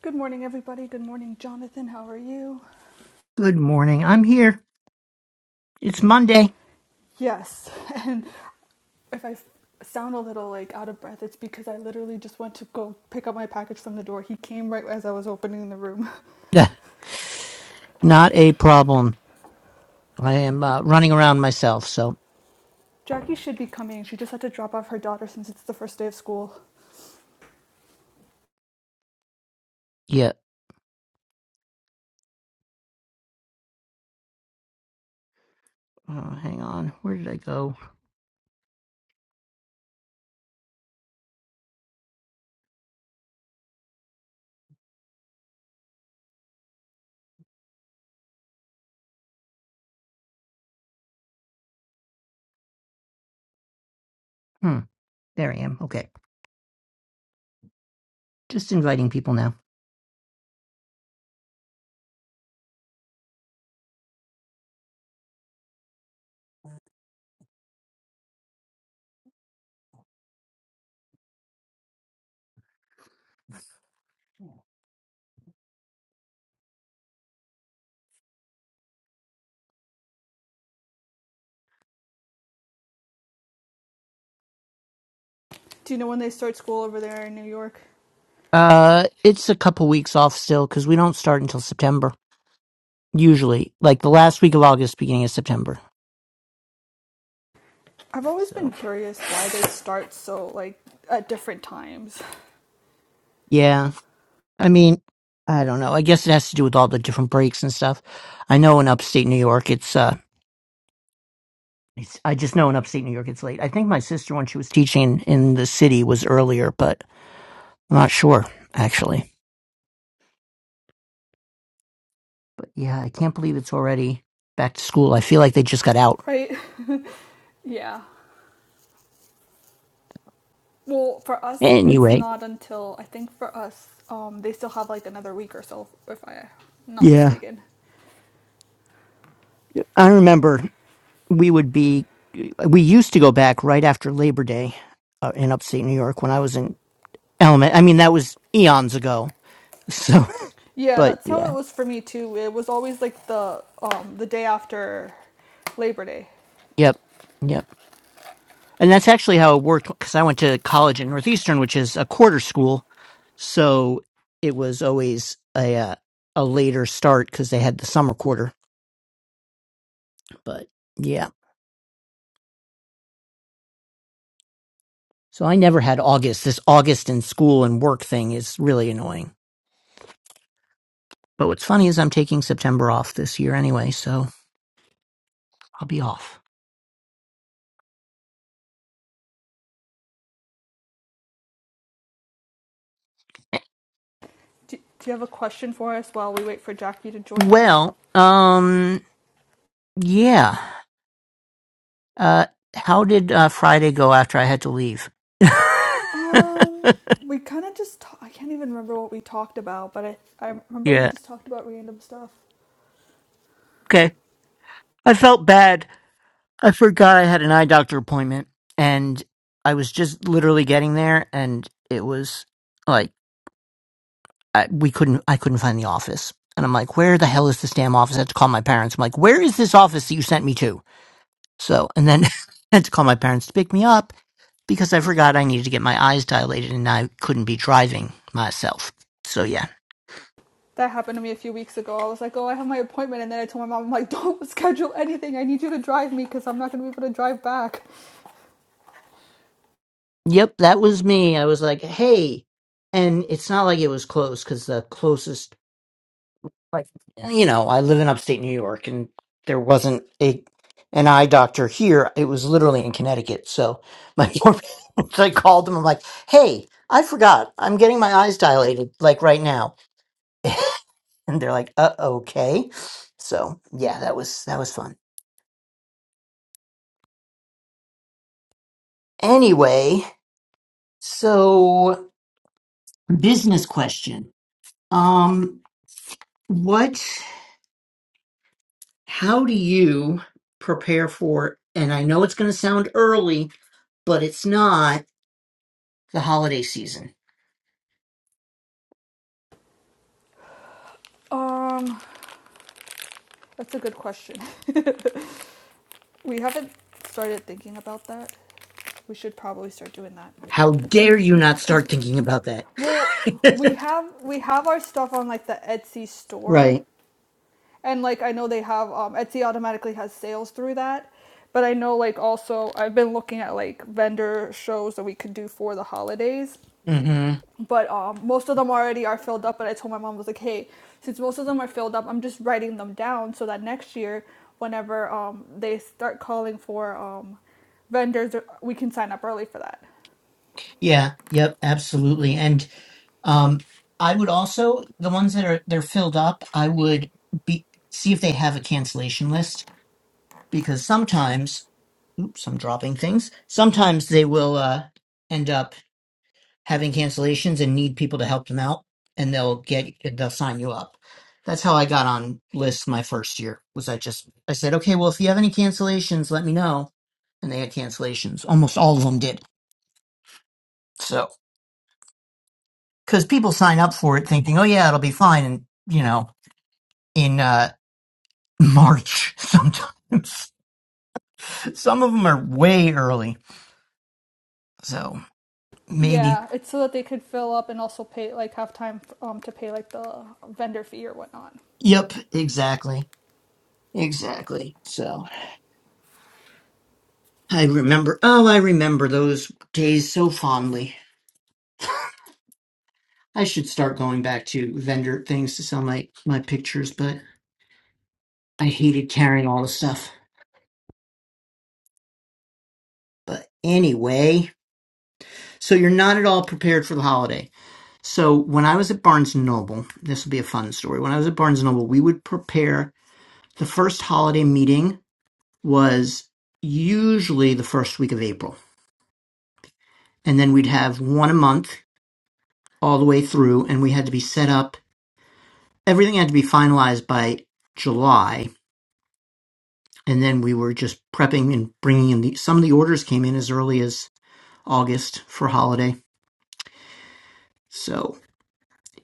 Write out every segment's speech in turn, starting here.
Good morning, everybody. Good morning, Jonathan. How are you? Good morning. I'm here. It's Monday. Yes. And if I sound a little like out of breath, it's because I literally just went to go pick up my package from the door. He came right as I was opening the room. Not a problem. I am uh, running around myself, so Jackie should be coming. She just had to drop off her daughter since it's the first day of school. yeah. Oh, hang on. Where did I go? Hmm. There I am. Okay. Just inviting people now. Do you know when they start school over there in New York? Uh, it's a couple weeks off still because we don't start until September usually, like the last week of August, beginning of September. I've always been So curious why they start so like at different times. yeah, I mean, I don't know. I guess it has to do with all the different breaks and stuff. I know in upstate New York, it's uh. It's, I just know in upstate New York it's late. I think my sister, when she was teaching in the city, was earlier, but I'm not sure, actually. But yeah, I can't believe it's already back to school. I feel like they just got out. Right? yeah. Well, for us, it's Anyway, not until I think for us, um, they still have like another week or so, if I'm not yeah. mistaken. I remember we would be, we used to go back right after Labor Day uh, in upstate New York when I was in element. I mean, that was eons ago. So, Yeah, but that's how yeah. it was for me too. It was always like the um, the day after Labor Day. Yep. Yep. And that's actually how it worked because I went to college at Northeastern, which is a quarter school. So it was always a, uh, a later start because they had the summer quarter. But yeah. So I never had August. This August in school and work thing is really annoying. But what's funny is I'm taking September off this year anyway, so I'll be off. Do, do you have a question for us while we wait for Jackie to join us? Well, um, yeah. Uh, how did uh, Friday go after I had to leave? yeah. Um, we kind of just ta- I can't even remember what we talked about, but I I remember we just talked about random stuff. Okay. I felt bad I forgot I had an eye doctor appointment and I was just literally getting there and it was like I, we couldn't I couldn't find the office. And I'm like, where the hell is this damn office? I had to call my parents. I'm like, where is this office that you sent me to? So and then I had to call my parents to pick me up because I forgot I needed to get my eyes dilated and I couldn't be driving myself. So yeah. that happened to me a few weeks ago. I was like, oh, I have my appointment. And then I told my mom, I'm like, don't schedule anything. I need you to drive me because I'm not going to be able to drive back. Yep, that was me. I was like, hey. And it's not like it was close because the closest like you know i live in upstate new york and there wasn't a an eye doctor here it was literally in connecticut so my so i called them i'm like hey i forgot i'm getting my eyes dilated like right now and they're like uh okay so yeah that was that was fun anyway so business question um what how do you prepare for and i know it's going to sound early but it's not the holiday season. Um, that's a good question. we haven't started thinking about that. We should probably start doing that. How dare you not Because, start thinking about that? well, we have we have our stuff on like the Etsy store. Right. And like I know they have um Etsy automatically has sales through that. But I know like also I've been looking at like vendor shows that we could do for the holidays hmm but um, most of them already are filled up. But I told my mom I was like, hey, since most of them are filled up, I'm just writing them down so that next year, whenever um, they start calling for um, vendors, uh, we can sign up early for that. Yeah. Yep. Absolutely. And um, I would also the ones that are they're filled up. I would be see if they have a cancellation list because sometimes, oops, I'm dropping things. Sometimes they will uh, end up having cancellations and need people to help them out and they'll get they'll sign you up that's how i got on lists my first year was i just i said okay well if you have any cancellations let me know and they had cancellations almost all of them did so because people sign up for it thinking oh yeah it'll be fine and you know in uh march sometimes some of them are way early so maybe Yeah, it's so that they could fill up and also pay like have time um, to pay like the vendor fee or whatnot. yep exactly exactly so I remember, oh, I remember those days so fondly. I should start going back to vendor things to sell my, my pictures, but I hated carrying all the stuff. But anyway, so you're not at all prepared for the holiday. So when I was at Barnes and Noble, this will be a fun story. When I was at Barnes and Noble, we would prepare the first holiday meeting was usually the first week of April. And then we'd have one a month all the way through and we had to be set up everything had to be finalized by July, and then we were just prepping and bringing in the some of the orders came in as early as August for holiday. So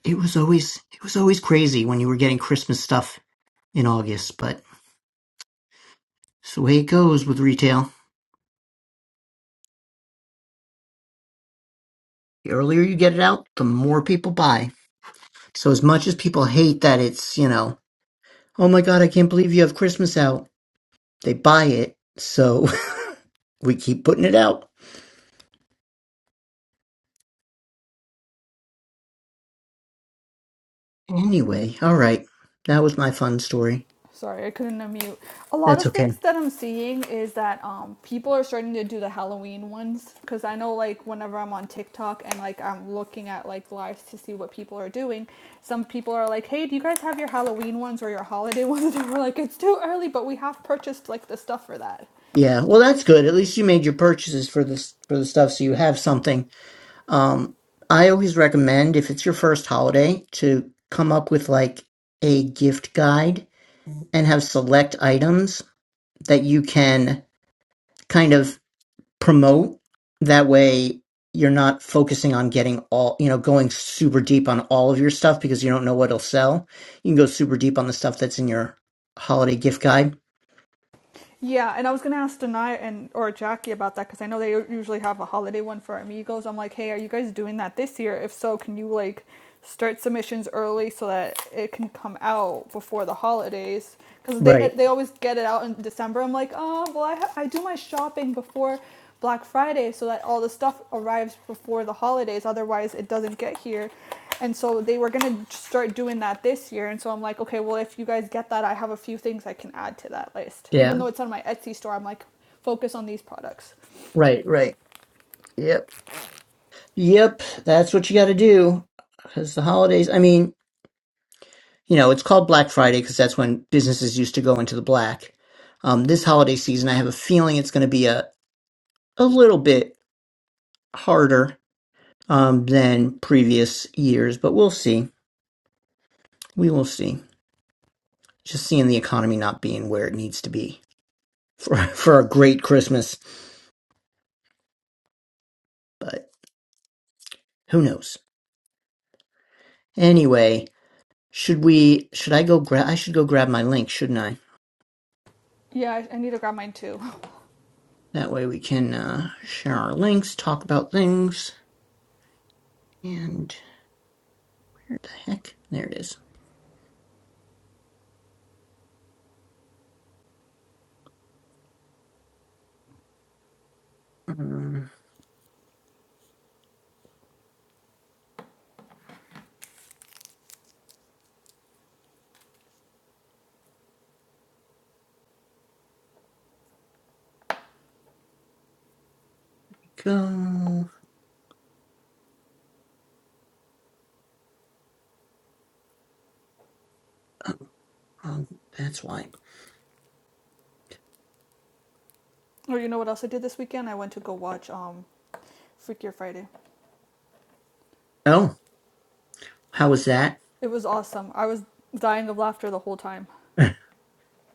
it was always it was always crazy when you were getting Christmas stuff in August, but it's the way it goes with retail. The earlier you get it out, the more people buy. So as much as people hate that it's, you know, oh my god, I can't believe you have Christmas out. They buy it, so we keep putting it out. Anyway, all right. That was my fun story. Sorry, I couldn't unmute. A lot That's of okay. things that I'm seeing is that um, people are starting to do the Halloween ones because I know like whenever I'm on TikTok and like I'm looking at like lives to see what people are doing, some people are like, "Hey, do you guys have your Halloween ones or your holiday ones?" And we're like, "It's too early, but we have purchased like the stuff for that." Yeah, well, that's good. At least you made your purchases for this for the stuff, so you have something. Um, I always recommend if it's your first holiday to come up with like a gift guide and have select items that you can kind of promote. That way, you're not focusing on getting all, you know, going super deep on all of your stuff because you don't know what'll sell. You can go super deep on the stuff that's in your holiday gift guide. Yeah, and I was gonna ask Denai and or Jackie about that because I know they usually have a holiday one for Amigos. I'm like, hey, are you guys doing that this year? If so, can you like start submissions early so that it can come out before the holidays? Because they uh, Right. they always get it out in December. I'm like, oh well, I ha- I do my shopping before Black Friday so that all the stuff arrives before the holidays. Otherwise, it doesn't get here. And so they were gonna start doing that this year. And so I'm like, okay, well, if you guys get that, I have a few things I can add to that list. Even Yeah. though it's on my Etsy store, I'm like, focus on these products. Right. Right. Yep. Yep, that's what you got to do. Because the holidays, I mean, you know, it's called Black Friday because that's when businesses used to go into the black. Um, this holiday season, I have a feeling it's going to be a, a little bit harder um, than previous years, but we'll see. We will see. Just seeing the economy not being where it needs to be for, for a great Christmas, but who knows? Anyway, should we, should I go grab, I should go grab my link, shouldn't I? Yeah, I, I need to grab mine too. That way we can uh, share our links, talk about things, and where the heck? There it is. Um, go. Oh, oh, that's why. or you know what else I did this weekend? I went to go watch um Freakier Friday. Oh, how was that? It was awesome. I was dying of laughter the whole time.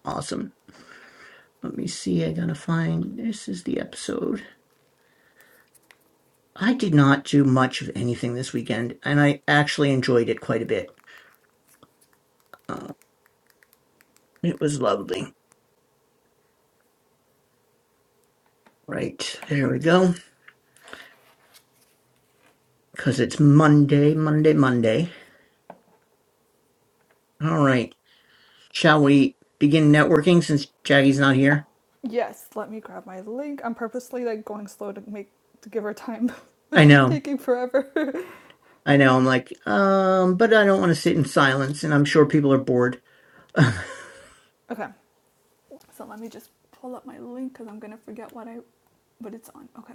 awesome. Let me see. I gotta find. This is the episode. I did not do much of anything this weekend, and I actually enjoyed it quite a bit. Uh, it was lovely. Right there we go. Because it's Monday, Monday, Monday. All right. Shall we begin networking since Jaggy's not here? Yes, let me grab my link. I'm purposely like going slow to make to give her time, but I she's know. taking forever. I know. I'm like, um, but I don't want to sit in silence, and I'm sure people are bored. okay, so let me just pull up my link because I'm gonna forget what I what it's on. Okay.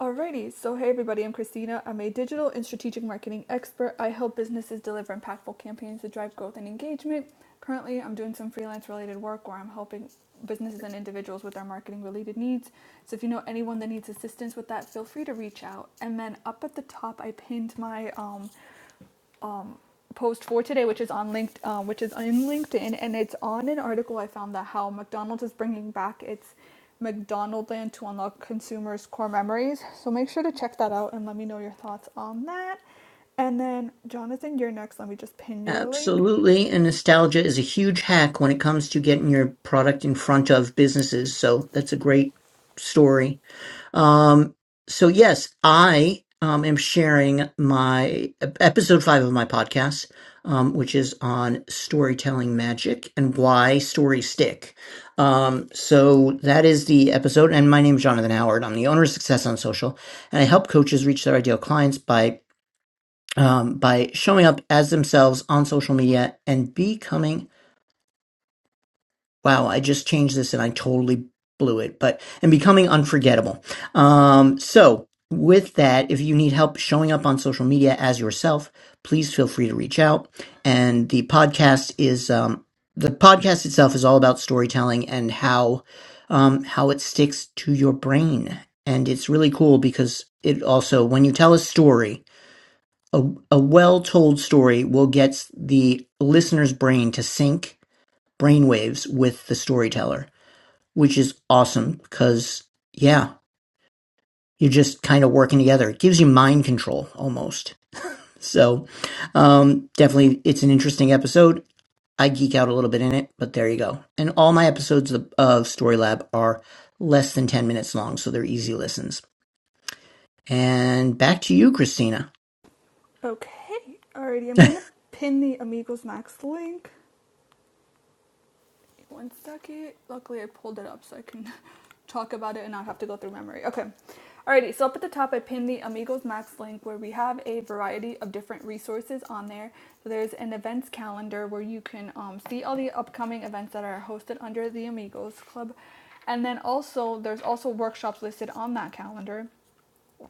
Alrighty, so hey everybody, I'm Christina. I'm a digital and strategic marketing expert. I help businesses deliver impactful campaigns to drive growth and engagement. Currently, I'm doing some freelance related work where I'm helping businesses and individuals with their marketing related needs. So if you know anyone that needs assistance with that, feel free to reach out. And then up at the top, I pinned my um, um, post for today, which is on linked, uh, which is in LinkedIn, and it's on an article I found that how McDonald's is bringing back its McDonaldland to unlock consumers' core memories. So make sure to check that out and let me know your thoughts on that. And then Jonathan, you're next. Let me just pin your link. Absolutely. And nostalgia is a huge hack when it comes to getting your product in front of businesses. So that's a great story. Um, so yes, I um, am sharing my episode five of my podcast, um, which is on storytelling magic and why stories stick. Um, so that is the episode. And my name is Jonathan Howard. I'm the owner of Success on Social, and I help coaches reach their ideal clients by um, by showing up as themselves on social media and becoming Wow, I just changed this and I totally blew it, but and becoming unforgettable. Um, so with that, if you need help showing up on social media as yourself, please feel free to reach out. And the podcast is um, the podcast itself is all about storytelling and how um, how it sticks to your brain. And it's really cool because it also when you tell a story, a, a well told story will get the listener's brain to sync brainwaves with the storyteller which is awesome because, yeah, you're just kind of working together. It gives you mind control almost. So, um, definitely, it's an interesting episode. I geek out a little bit in it, but there you go. And all my episodes of, of Story Lab are less than 10 minutes long, so they're easy listens. And back to you, Christina. Okay, alrighty, I'm gonna pin the Amigos Max link. One second. Luckily, I pulled it up so I can talk about it and not have to go through memory. Okay. Alrighty, so up at the top, I pinned the Amigos Max link where we have a variety of different resources on there. So there's an events calendar where you can um, see all the upcoming events that are hosted under the Amigos Club. And then also, there's also workshops listed on that calendar.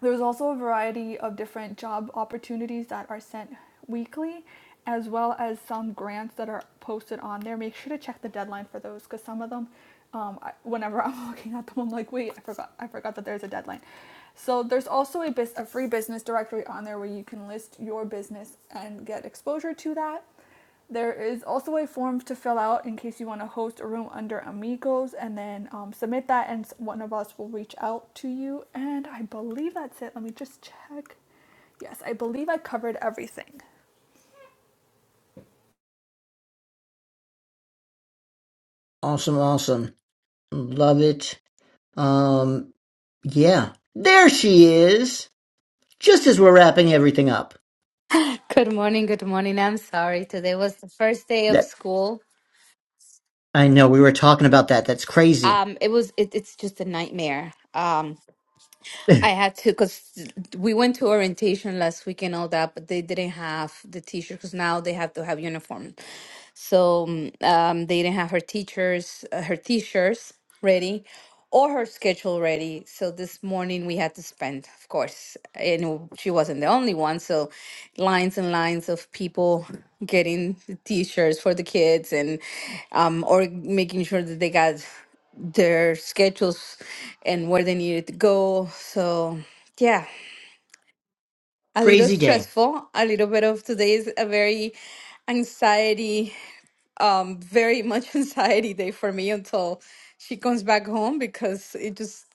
There's also a variety of different job opportunities that are sent weekly, as well as some grants that are posted on there. Make sure to check the deadline for those because some of them, um, I, whenever I'm looking at them, I'm like, wait, I forgot, I forgot that there's a deadline. So there's also a, bus- a free business directory on there where you can list your business and get exposure to that. There is also a form to fill out in case you want to host a room under Amigos and then um, submit that, and one of us will reach out to you. And I believe that's it. Let me just check. Yes, I believe I covered everything. Awesome, awesome. Love it. Um, yeah. There she is. Just as we're wrapping everything up. Good morning, good morning. I'm sorry. Today was the first day of That school. I know we were talking about that. That's crazy. Um, it was it, it's just a nightmare. Um, I had to because we went to orientation last week and all that, but they didn't have the teacher because now they have to have uniform. So mm, um, they didn't have her teachers, uh, her teachers ready, or her schedule ready. So this morning we had to spend, of course, and she wasn't the only one. So lines and lines of people getting the t-shirts for the kids and um, or making sure that they got their schedules and where they needed to go. So, yeah, a little Crazy day. stressful, a little bit of today is a very anxiety, um, very much anxiety day for me until she comes back home because it just,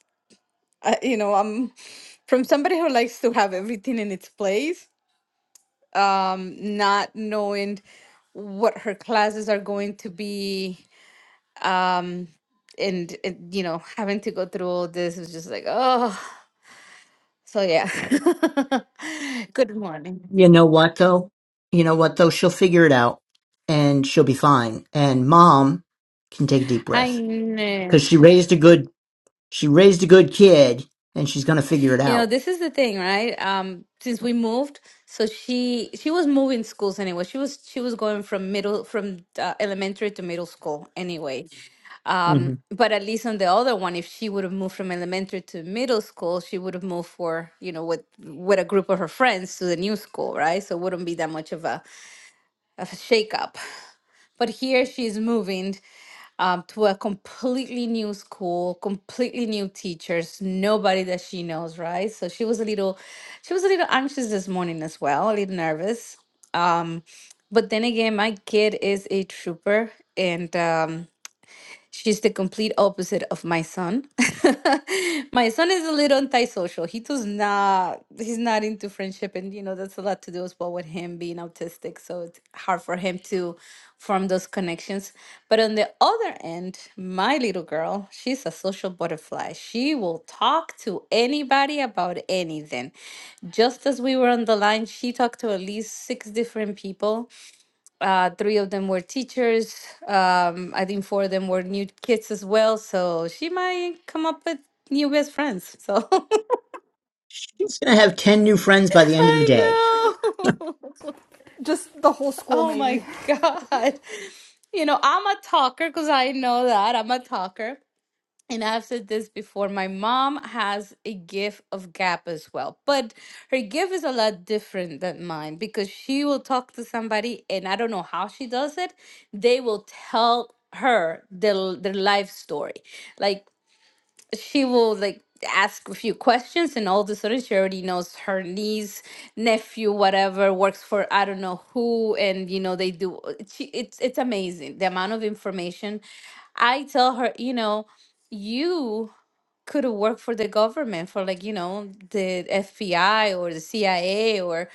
uh, you know, I'm from somebody who likes to have everything in its place, um, not knowing what her classes are going to be. Um, and, and you know having to go through all this is just like oh So yeah. Good morning. You know what though? You know what though? She'll figure it out and she'll be fine. And mom can take a deep Hi. breath Nene. because she raised a good she raised a good kid and she's gonna figure it You know, out. this is the thing, right? Um, since we moved, so she she was moving schools anyway. She was she was going from middle from uh, elementary to middle school anyway. Um, hmm but at least on the other one, if she would have moved from elementary to middle school, she would have moved for, you know, with with a group of her friends to the new school, right? So it wouldn't be that much of a of a shakeup. But here she's moving um, to a completely new school, completely new teachers, nobody that she knows, right? So she was a little, she was a little anxious this morning as well, a little nervous. But then again, my kid is a trooper, and um, She's the complete opposite of my son. my son is a little antisocial. He does not he's not into friendship and you know that's a lot to do as well with him being autistic, so it's hard for him to form those connections. But on the other end, my little girl, she's a social butterfly. She will talk to anybody about anything. Just as we were on the line, she talked to at least six different people uh, three of them were teachers. Um, I think four of them were new kids as well. So she might come up with new best friends. So She's gonna have ten new friends by the end of the day. I know. Just the whole school, oh maybe. my God. You know, I'm a talker because I know that I'm a talker. and I've said this before, my mom has a gift of gap as well. But her gift is a lot different than mine because she will talk to somebody, and I don't know how she does it. They will tell her their, their life story. like she will like ask a few questions and all of a sudden she already knows her niece nephew whatever works for i don't know who and you know they do she, it's it's amazing the amount of information i tell her you know you could have worked for the government for like you know the fbi or the cia or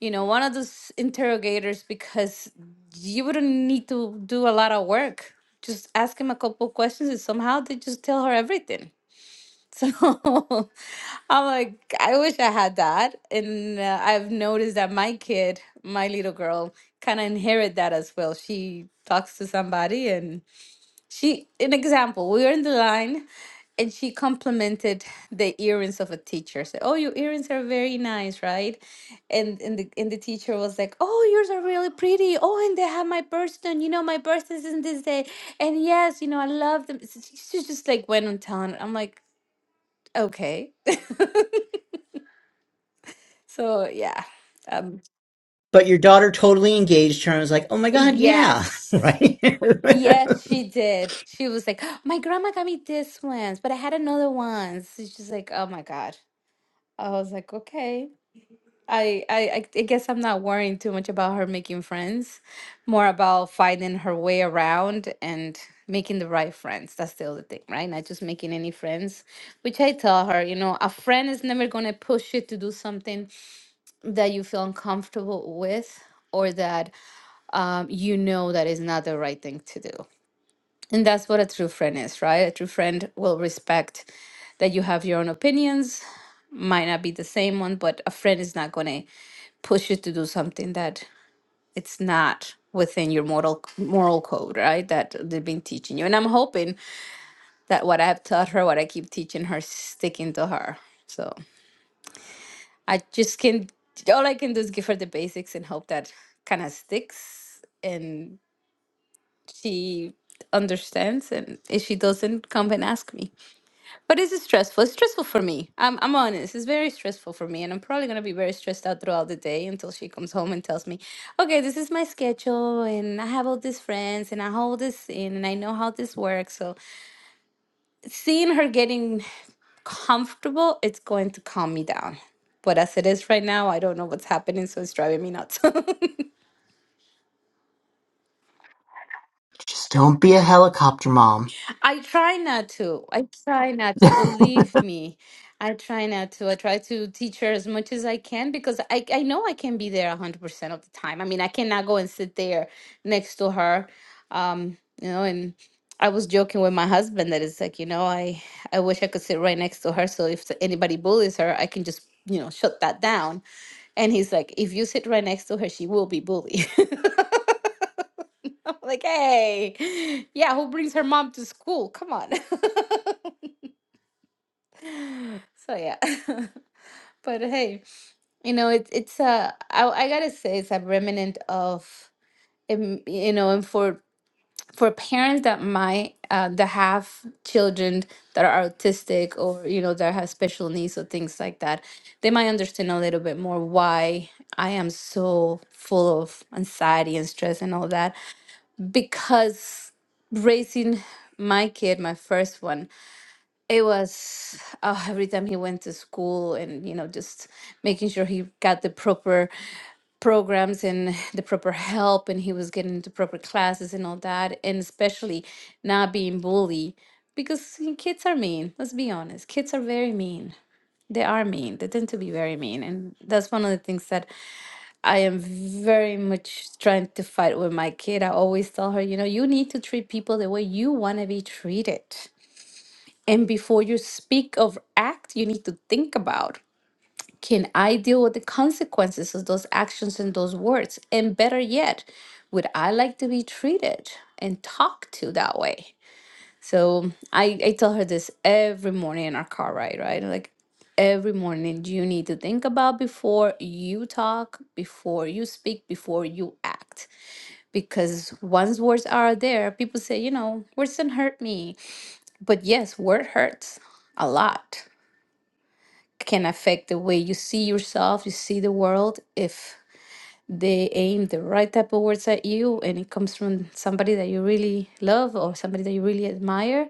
you know one of those interrogators because you wouldn't need to do a lot of work just ask him a couple questions and somehow they just tell her everything so I'm like, I wish I had that. And uh, I've noticed that my kid, my little girl, kind of inherit that as well. She talks to somebody and she, an example, we were in the line and she complimented the earrings of a teacher. Said, "Oh, your earrings are very nice, right?" And and the and the teacher was like, "Oh, yours are really pretty. Oh, and they have my birthday. and You know, my birthday is in this day. And yes, you know, I love them." S- She she just like went on town. I'm like, Okay. So yeah. Um But your daughter totally engaged her and was like, "Oh my god, yeah, yes. right." Yes, she did. She was like, "Oh, my grandma got me this ones, but I had another one. So she's like, oh my God. I was like, okay. I, I I I guess I'm not worrying too much about her making friends, more about finding her way around and making the right friends. That's the other thing, right? Not just making any friends, which I tell her, you know, a friend is never gonna push you to do something that you feel uncomfortable with or that um, you know that is not the right thing to do. And that's what a true friend is, right? A true friend will respect that you have your own opinions, might not be the same one, but a friend is not going to push you to do something that it's not within your moral moral code, right? That they've been teaching you. And I'm hoping that what I've taught her, what I keep teaching her, sticking to her. so. I just can all I can do is give her the basics and hope that kind of sticks and she understands and if she doesn't come and ask me. But it's stressful. It's stressful for me. I'm I'm honest. It's very stressful for me and I'm probably gonna be very stressed out throughout the day until she comes home and tells me, Okay, this is my schedule and I have all these friends and I hold this in and I know how this works. So seeing her getting comfortable, it's going to calm me down. But as it is right now, I don't know what's happening, so it's driving me nuts. Just don't be a helicopter mom. I try not to. I try not to. Believe me, I try not to. I try to teach her as much as I can because I, I know I can be there 100% of the time. I mean, I cannot go and sit there next to her. Um, you know, and I was joking with my husband that it's like, you know, I, I wish I could sit right next to her. So if anybody bullies her, I can just, you know, shut that down And he's like, if you sit right next to her, she will be bullied. I'm like, hey, yeah, who brings her mom to school? Come on. so yeah. but hey, you know, it, it's uh I, I gotta say it's a remnant of um, you know, and for for parents that might uh, that have children that are autistic or you know that have special needs or things like that they might understand a little bit more why i am so full of anxiety and stress and all that because raising my kid my first one it was oh, every time he went to school and you know just making sure he got the proper programs and the proper help and he was getting into proper classes and all that and especially not being bullied because you know, kids are mean let's be honest kids are very mean they are mean they tend to be very mean and that's one of the things that i am very much trying to fight with my kid i always tell her you know you need to treat people the way you want to be treated and before you speak of act you need to think about can I deal with the consequences of those actions and those words? And better yet, would I like to be treated and talked to that way? So I, I tell her this every morning in our car ride, right? Like every morning, you need to think about before you talk, before you speak, before you act. Because once words are there, people say, you know, words didn't hurt me. But yes, word hurts a lot can affect the way you see yourself, you see the world. If they aim the right type of words at you and it comes from somebody that you really love or somebody that you really admire,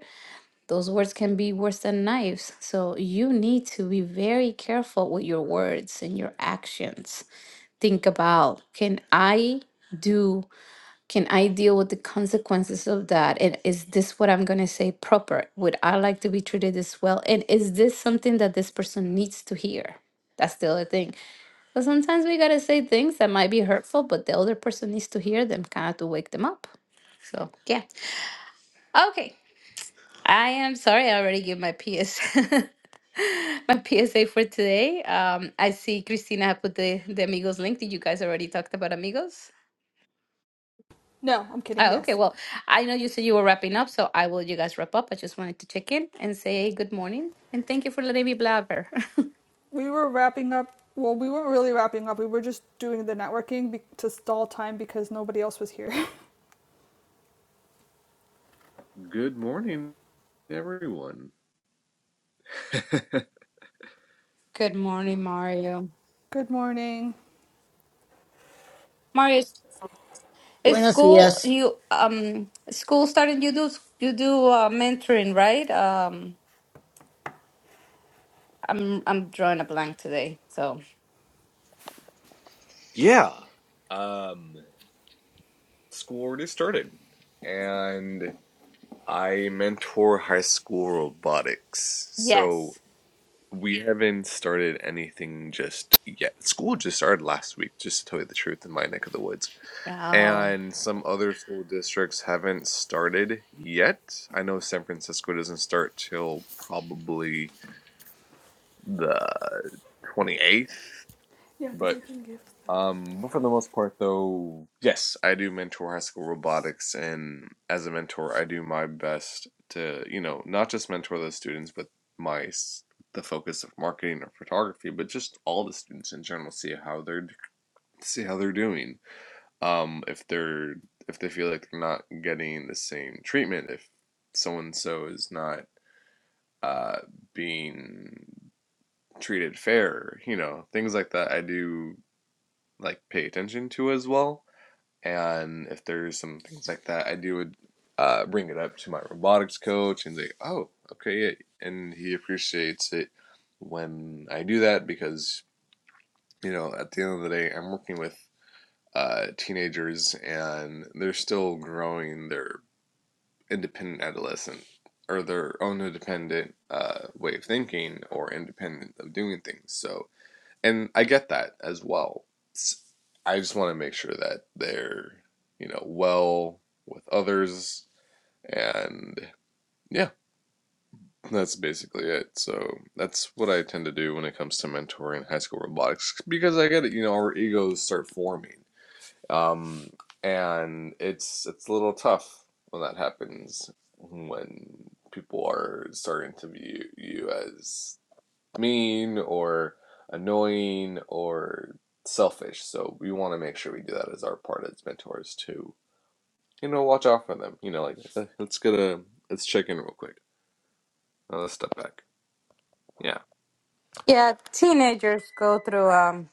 those words can be worse than knives. So you need to be very careful with your words and your actions. Think about can I do can I deal with the consequences of that? And is this what I'm going to say proper? Would I like to be treated this well? And is this something that this person needs to hear? That's the other thing. But sometimes we got to say things that might be hurtful, but the other person needs to hear them kind of to wake them up. So, yeah. Okay. I am sorry, I already gave my PS my PSA for today. Um, I see Christina put the, the Amigos link. Did you guys already talked about Amigos? No, I'm kidding, Oh, okay. yes. Well, I know you said you were wrapping up, so I will let you guys wrap up. I just wanted to check in and say hey, good morning and thank you for letting me blabber. We were wrapping up. Well, we weren't really wrapping up. We were just doing the networking be- to stall time because nobody else was here. Good morning, everyone. Good morning, Mario. Good morning. Mario, is is Buenos school dias. you um school starting? You do you do uh, mentoring, right? Um, I'm I'm drawing a blank today, so Yeah. Um, school already started, and I mentor high school robotics. So yes. we haven't started anything just yet. School just started last week, just to tell you the truth, in my neck of the woods. Oh. And some other school districts haven't started yet. I know San Francisco doesn't start till probably the 28th, Yeah, because I but can give Um, but for the most part, though, Yes, I do mentor high school robotics, and as a mentor, I do my best to, you know, not just mentor those students, but my the focus of marketing or photography, but just all the students in general, see how they're see how they're doing. Um, if they're if they feel like they're not getting the same treatment, if so and so is not uh being treated fair, you know, things like that. I do like pay attention to as well and if there's some things like that, I do would uh, bring it up to my robotics coach and say, "Oh, okay," yeah. and he appreciates it when I do that because you know at the end of the day, I'm working with uh, teenagers and they're still growing their independent adolescent or their own independent uh, way of thinking or independent of doing things. So and I get that as well. I just want to make sure that they're, you know, well with others, and yeah, that's basically it. So that's what I tend to do when it comes to mentoring high school robotics because I get it. You know, our egos start forming, um, and it's it's a little tough when that happens when people are starting to view you as mean or annoying or selfish. So we want to make sure we do that as our part as mentors to, you know, watch out for them. You know, like "Eh, let's get a let's check in real quick. Now let's step back. Yeah. Yeah, teenagers go through um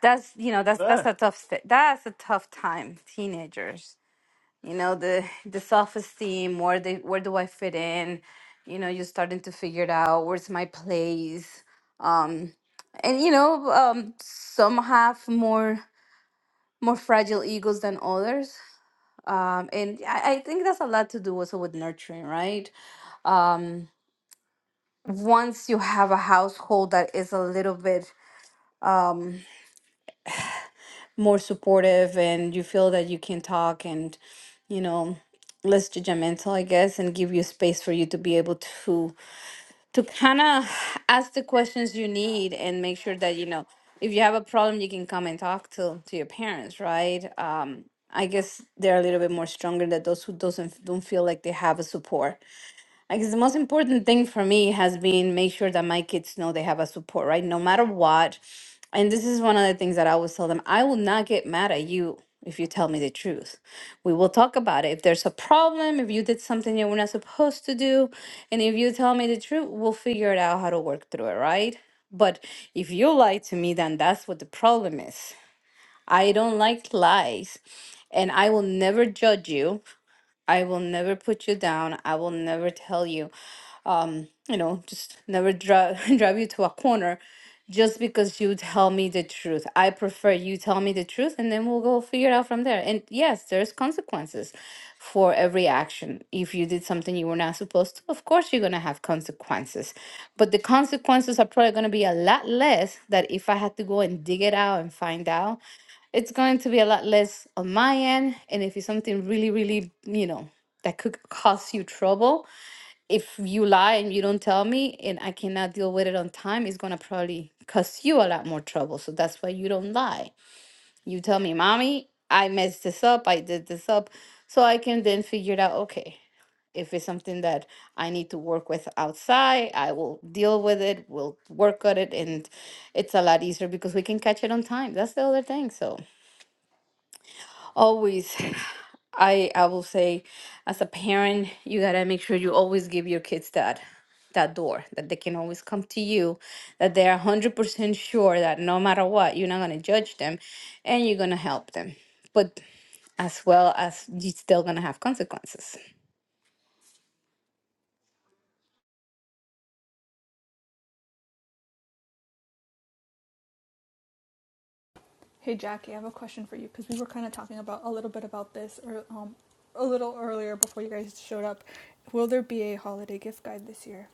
that's you know that's that's Ah, a tough st- that's a tough time teenagers you know the the self-esteem where the where do i fit in you know you're starting to figure it out where's my place um and you know um some have more more fragile egos than others um and i, I think that's a lot to do also with nurturing right um once you have a household that is a little bit um, more supportive and you feel that you can talk and you know less judgmental i guess and give you space for you to be able to to kind of ask the questions you need and make sure that you know if you have a problem you can come and talk to to your parents right um i guess they're a little bit more stronger than those who doesn't don't feel like they have a support I guess the most important thing for me has been make sure that my kids know they have a support, right? No matter what. And this is one of the things that I always tell them I will not get mad at you if you tell me the truth. We will talk about it. If there's a problem, if you did something you were not supposed to do, and if you tell me the truth, we'll figure it out how to work through it, right? But if you lie to me, then that's what the problem is. I don't like lies, and I will never judge you. I will never put you down. I will never tell you you know, just never drive drive you to a corner just because you tell me the truth. I prefer you tell me the truth and then we'll go figure it out from there. And yes, there's consequences for every action. If you did something you were not supposed to, of course you're gonna have consequences. But the consequences are probably gonna be a lot less that if I had to go and dig it out and find out, it's going to be a lot less on my end. And if it's something really, really, you know, that could cause you trouble, if you lie and you don't tell me and I cannot deal with it on time, it's gonna probably cause you a lot more trouble. So that's why you don't lie. You tell me, mommy, I messed this up, I did this up, so I can then figure it out, okay, if it's something that I need to work with outside, I will deal with it, we'll work on it, and it's a lot easier because we can catch it on time. That's the other thing. So Always, I I will say, as a parent, you gotta make sure you always give your kids that that door that they can always come to you, that they are one hundred percent sure that no matter what, you're not gonna judge them, and you're gonna help them, but as well as you're still gonna have consequences. Hey Jackie, I have a question for you because we were kind of talking about a little bit about this or um a little earlier before you guys showed up. Will there be a holiday gift guide this year?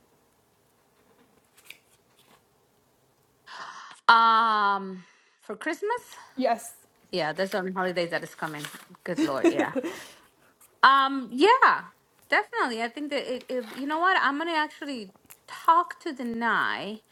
Um, for Christmas, Yes. yeah, there's only holidays that is coming. Good Lord, yeah. Um, yeah, definitely. I think that it, it, you know what? I'm gonna actually talk to the Nye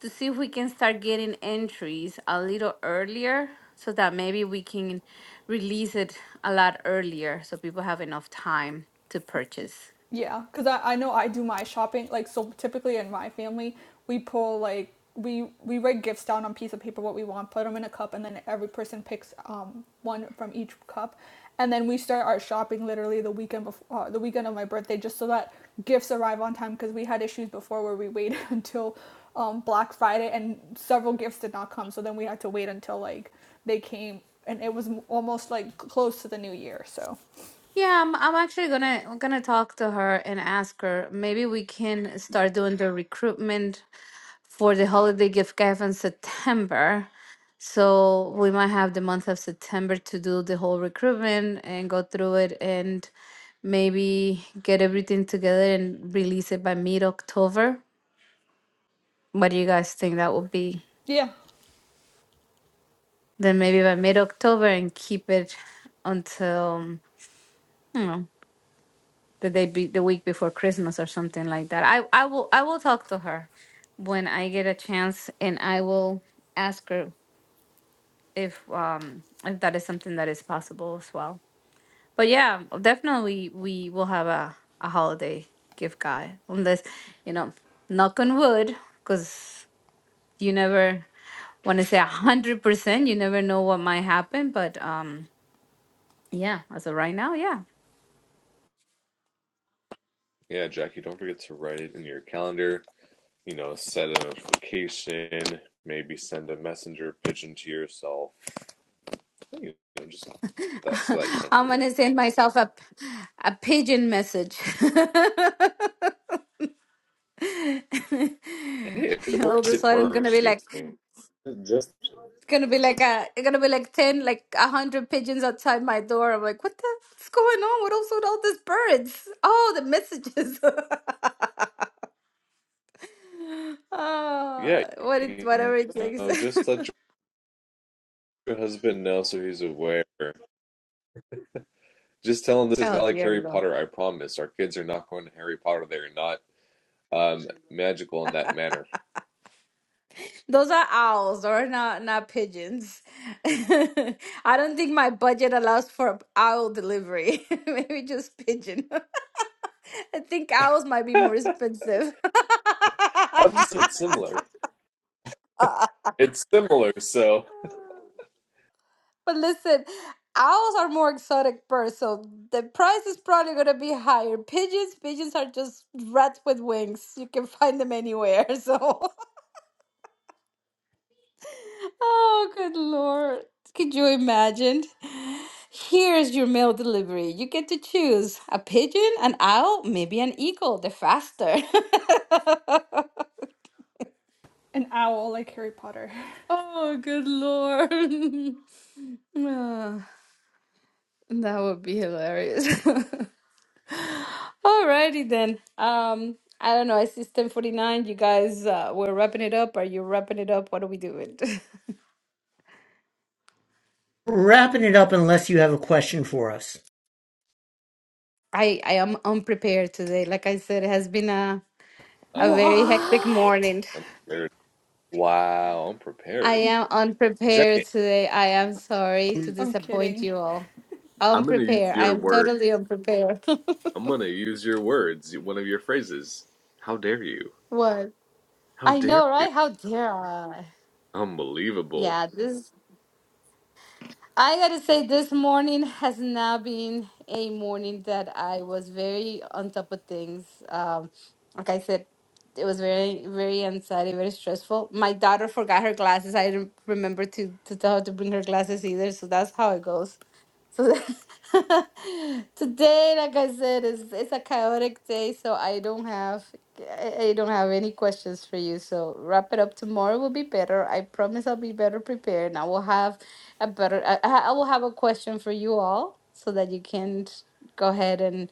to see if we can start getting entries a little earlier so that maybe we can release it a lot earlier so people have enough time to purchase. Yeah, because I, I know I do my shopping like so typically in my family we pull like we we write gifts down on a piece of paper what we want put them in a cup and then every person picks um one from each cup and then we start our shopping literally the weekend before uh, the weekend of my birthday just so that gifts arrive on time because we had issues before where we waited until um Black Friday and several gifts did not come so then we had to wait until like they came and it was m- almost like close to the new year so Yeah, I'm I'm actually gonna I'm gonna talk to her and ask her. Maybe we can start doing the recruitment for the holiday gift gave in September. So we might have the month of September to do the whole recruitment and go through it and maybe get everything together and release it by mid October. What do you guys think that would be? yeah Then maybe by mid October and keep it until you know the day be, the week before Christmas or something like that. I I will I will talk to her when I get a chance and I will ask her if um if that is something that is possible as well. But yeah, definitely we will have a a holiday gift guide unless you know knock on wood because you never want to say a hundred percent. You never know what might happen, but um. Yeah, as of right now, yeah. Yeah, Jackie, don't forget to write it in your calendar. You know, set a notification, maybe send a messenger pigeon to yourself. You know, just that so that you don't I'm forget. gonna send myself a a pigeon message. Hey, if it All of works, a it sudden, I'm gonna be works, you like, know Just gonna be like a it's gonna be like 10 like a 100 pigeons outside my door i'm like what the what's going on what else with all these birds oh the messages yeah, oh what it you whatever it takes know, just let your husband know so he's aware. Just tell him this is oh not like dear Harry lord Potter, I promise. Our kids are not going to Harry Potter. They're not um, magical in that manner. those are owls or not not pigeons i don't think my budget allows for owl delivery maybe just pigeon i think owls might be I'm more expensive just saying it's similar. It's similar, so. But listen, owls are more exotic birds, so the price is probably gonna be higher. Pigeons, pigeons are just rats with wings. You can find them anywhere. So, oh good lord, could you imagine? Here's your mail delivery. You get to choose a pigeon, an owl, maybe an eagle. The faster. an owl like Harry Potter oh good lord. Ah, that would be hilarious. Alrighty then. Um, I don't know. I see it's ten forty nine. You guys, uh, we're wrapping it up. Are you wrapping it up? What are we doing? Wrapping it up unless you have a question for us. I I am unprepared today. Like I said, it has been a a Uh, very wow. hectic What? morning. I'm prepared. Wow, I'm I prepared. am Jack, unprepared today. I am sorry to I'm I'm disappoint kidding. you all. gonna use Unprepared. I your am word. totally unprepared. I'm gonna use your words, one of your phrases. How dare you? What? How I dare know, you? right? How dare I? Unbelievable. Yeah, this. I gotta say, this morning has not been a morning that I was very on top of things. Um, like I said, it was very, very anxiety, very stressful. My daughter forgot her glasses. I didn't remember to, to tell her to bring her glasses either, so that's how it goes. So today, like I said, is it's a chaotic day, so I don't have I I don't have any questions for you. So wrap it up. Tomorrow will be better. I promise I'll be better prepared. And I will have a better I, I I will have a question for you all so that you can go ahead and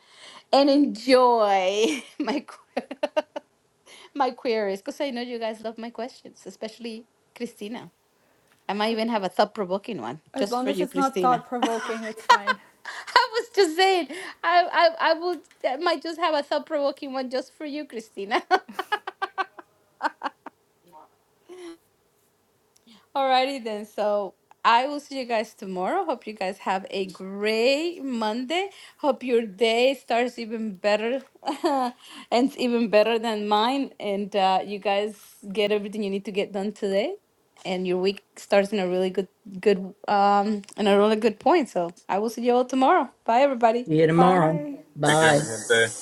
and enjoy my que- my queries because I know you guys love my questions, especially Christina. I might even have a thought provoking one As just long for as you, it's not Christina. thought provoking, it's fine. I was just saying, I, I, I would, I might just have a thought provoking one just for you, Christina. Alrighty then. So I will see you guys tomorrow. Hope you guys have a great Monday. Hope your day starts even better, and even better than mine. And uh, you guys get everything you need to get done today. And your week starts in a really good, good, um, in a really good point. So I will see you all tomorrow. Bye, everybody. See you tomorrow. Bye. Take care, mi Bye. gente.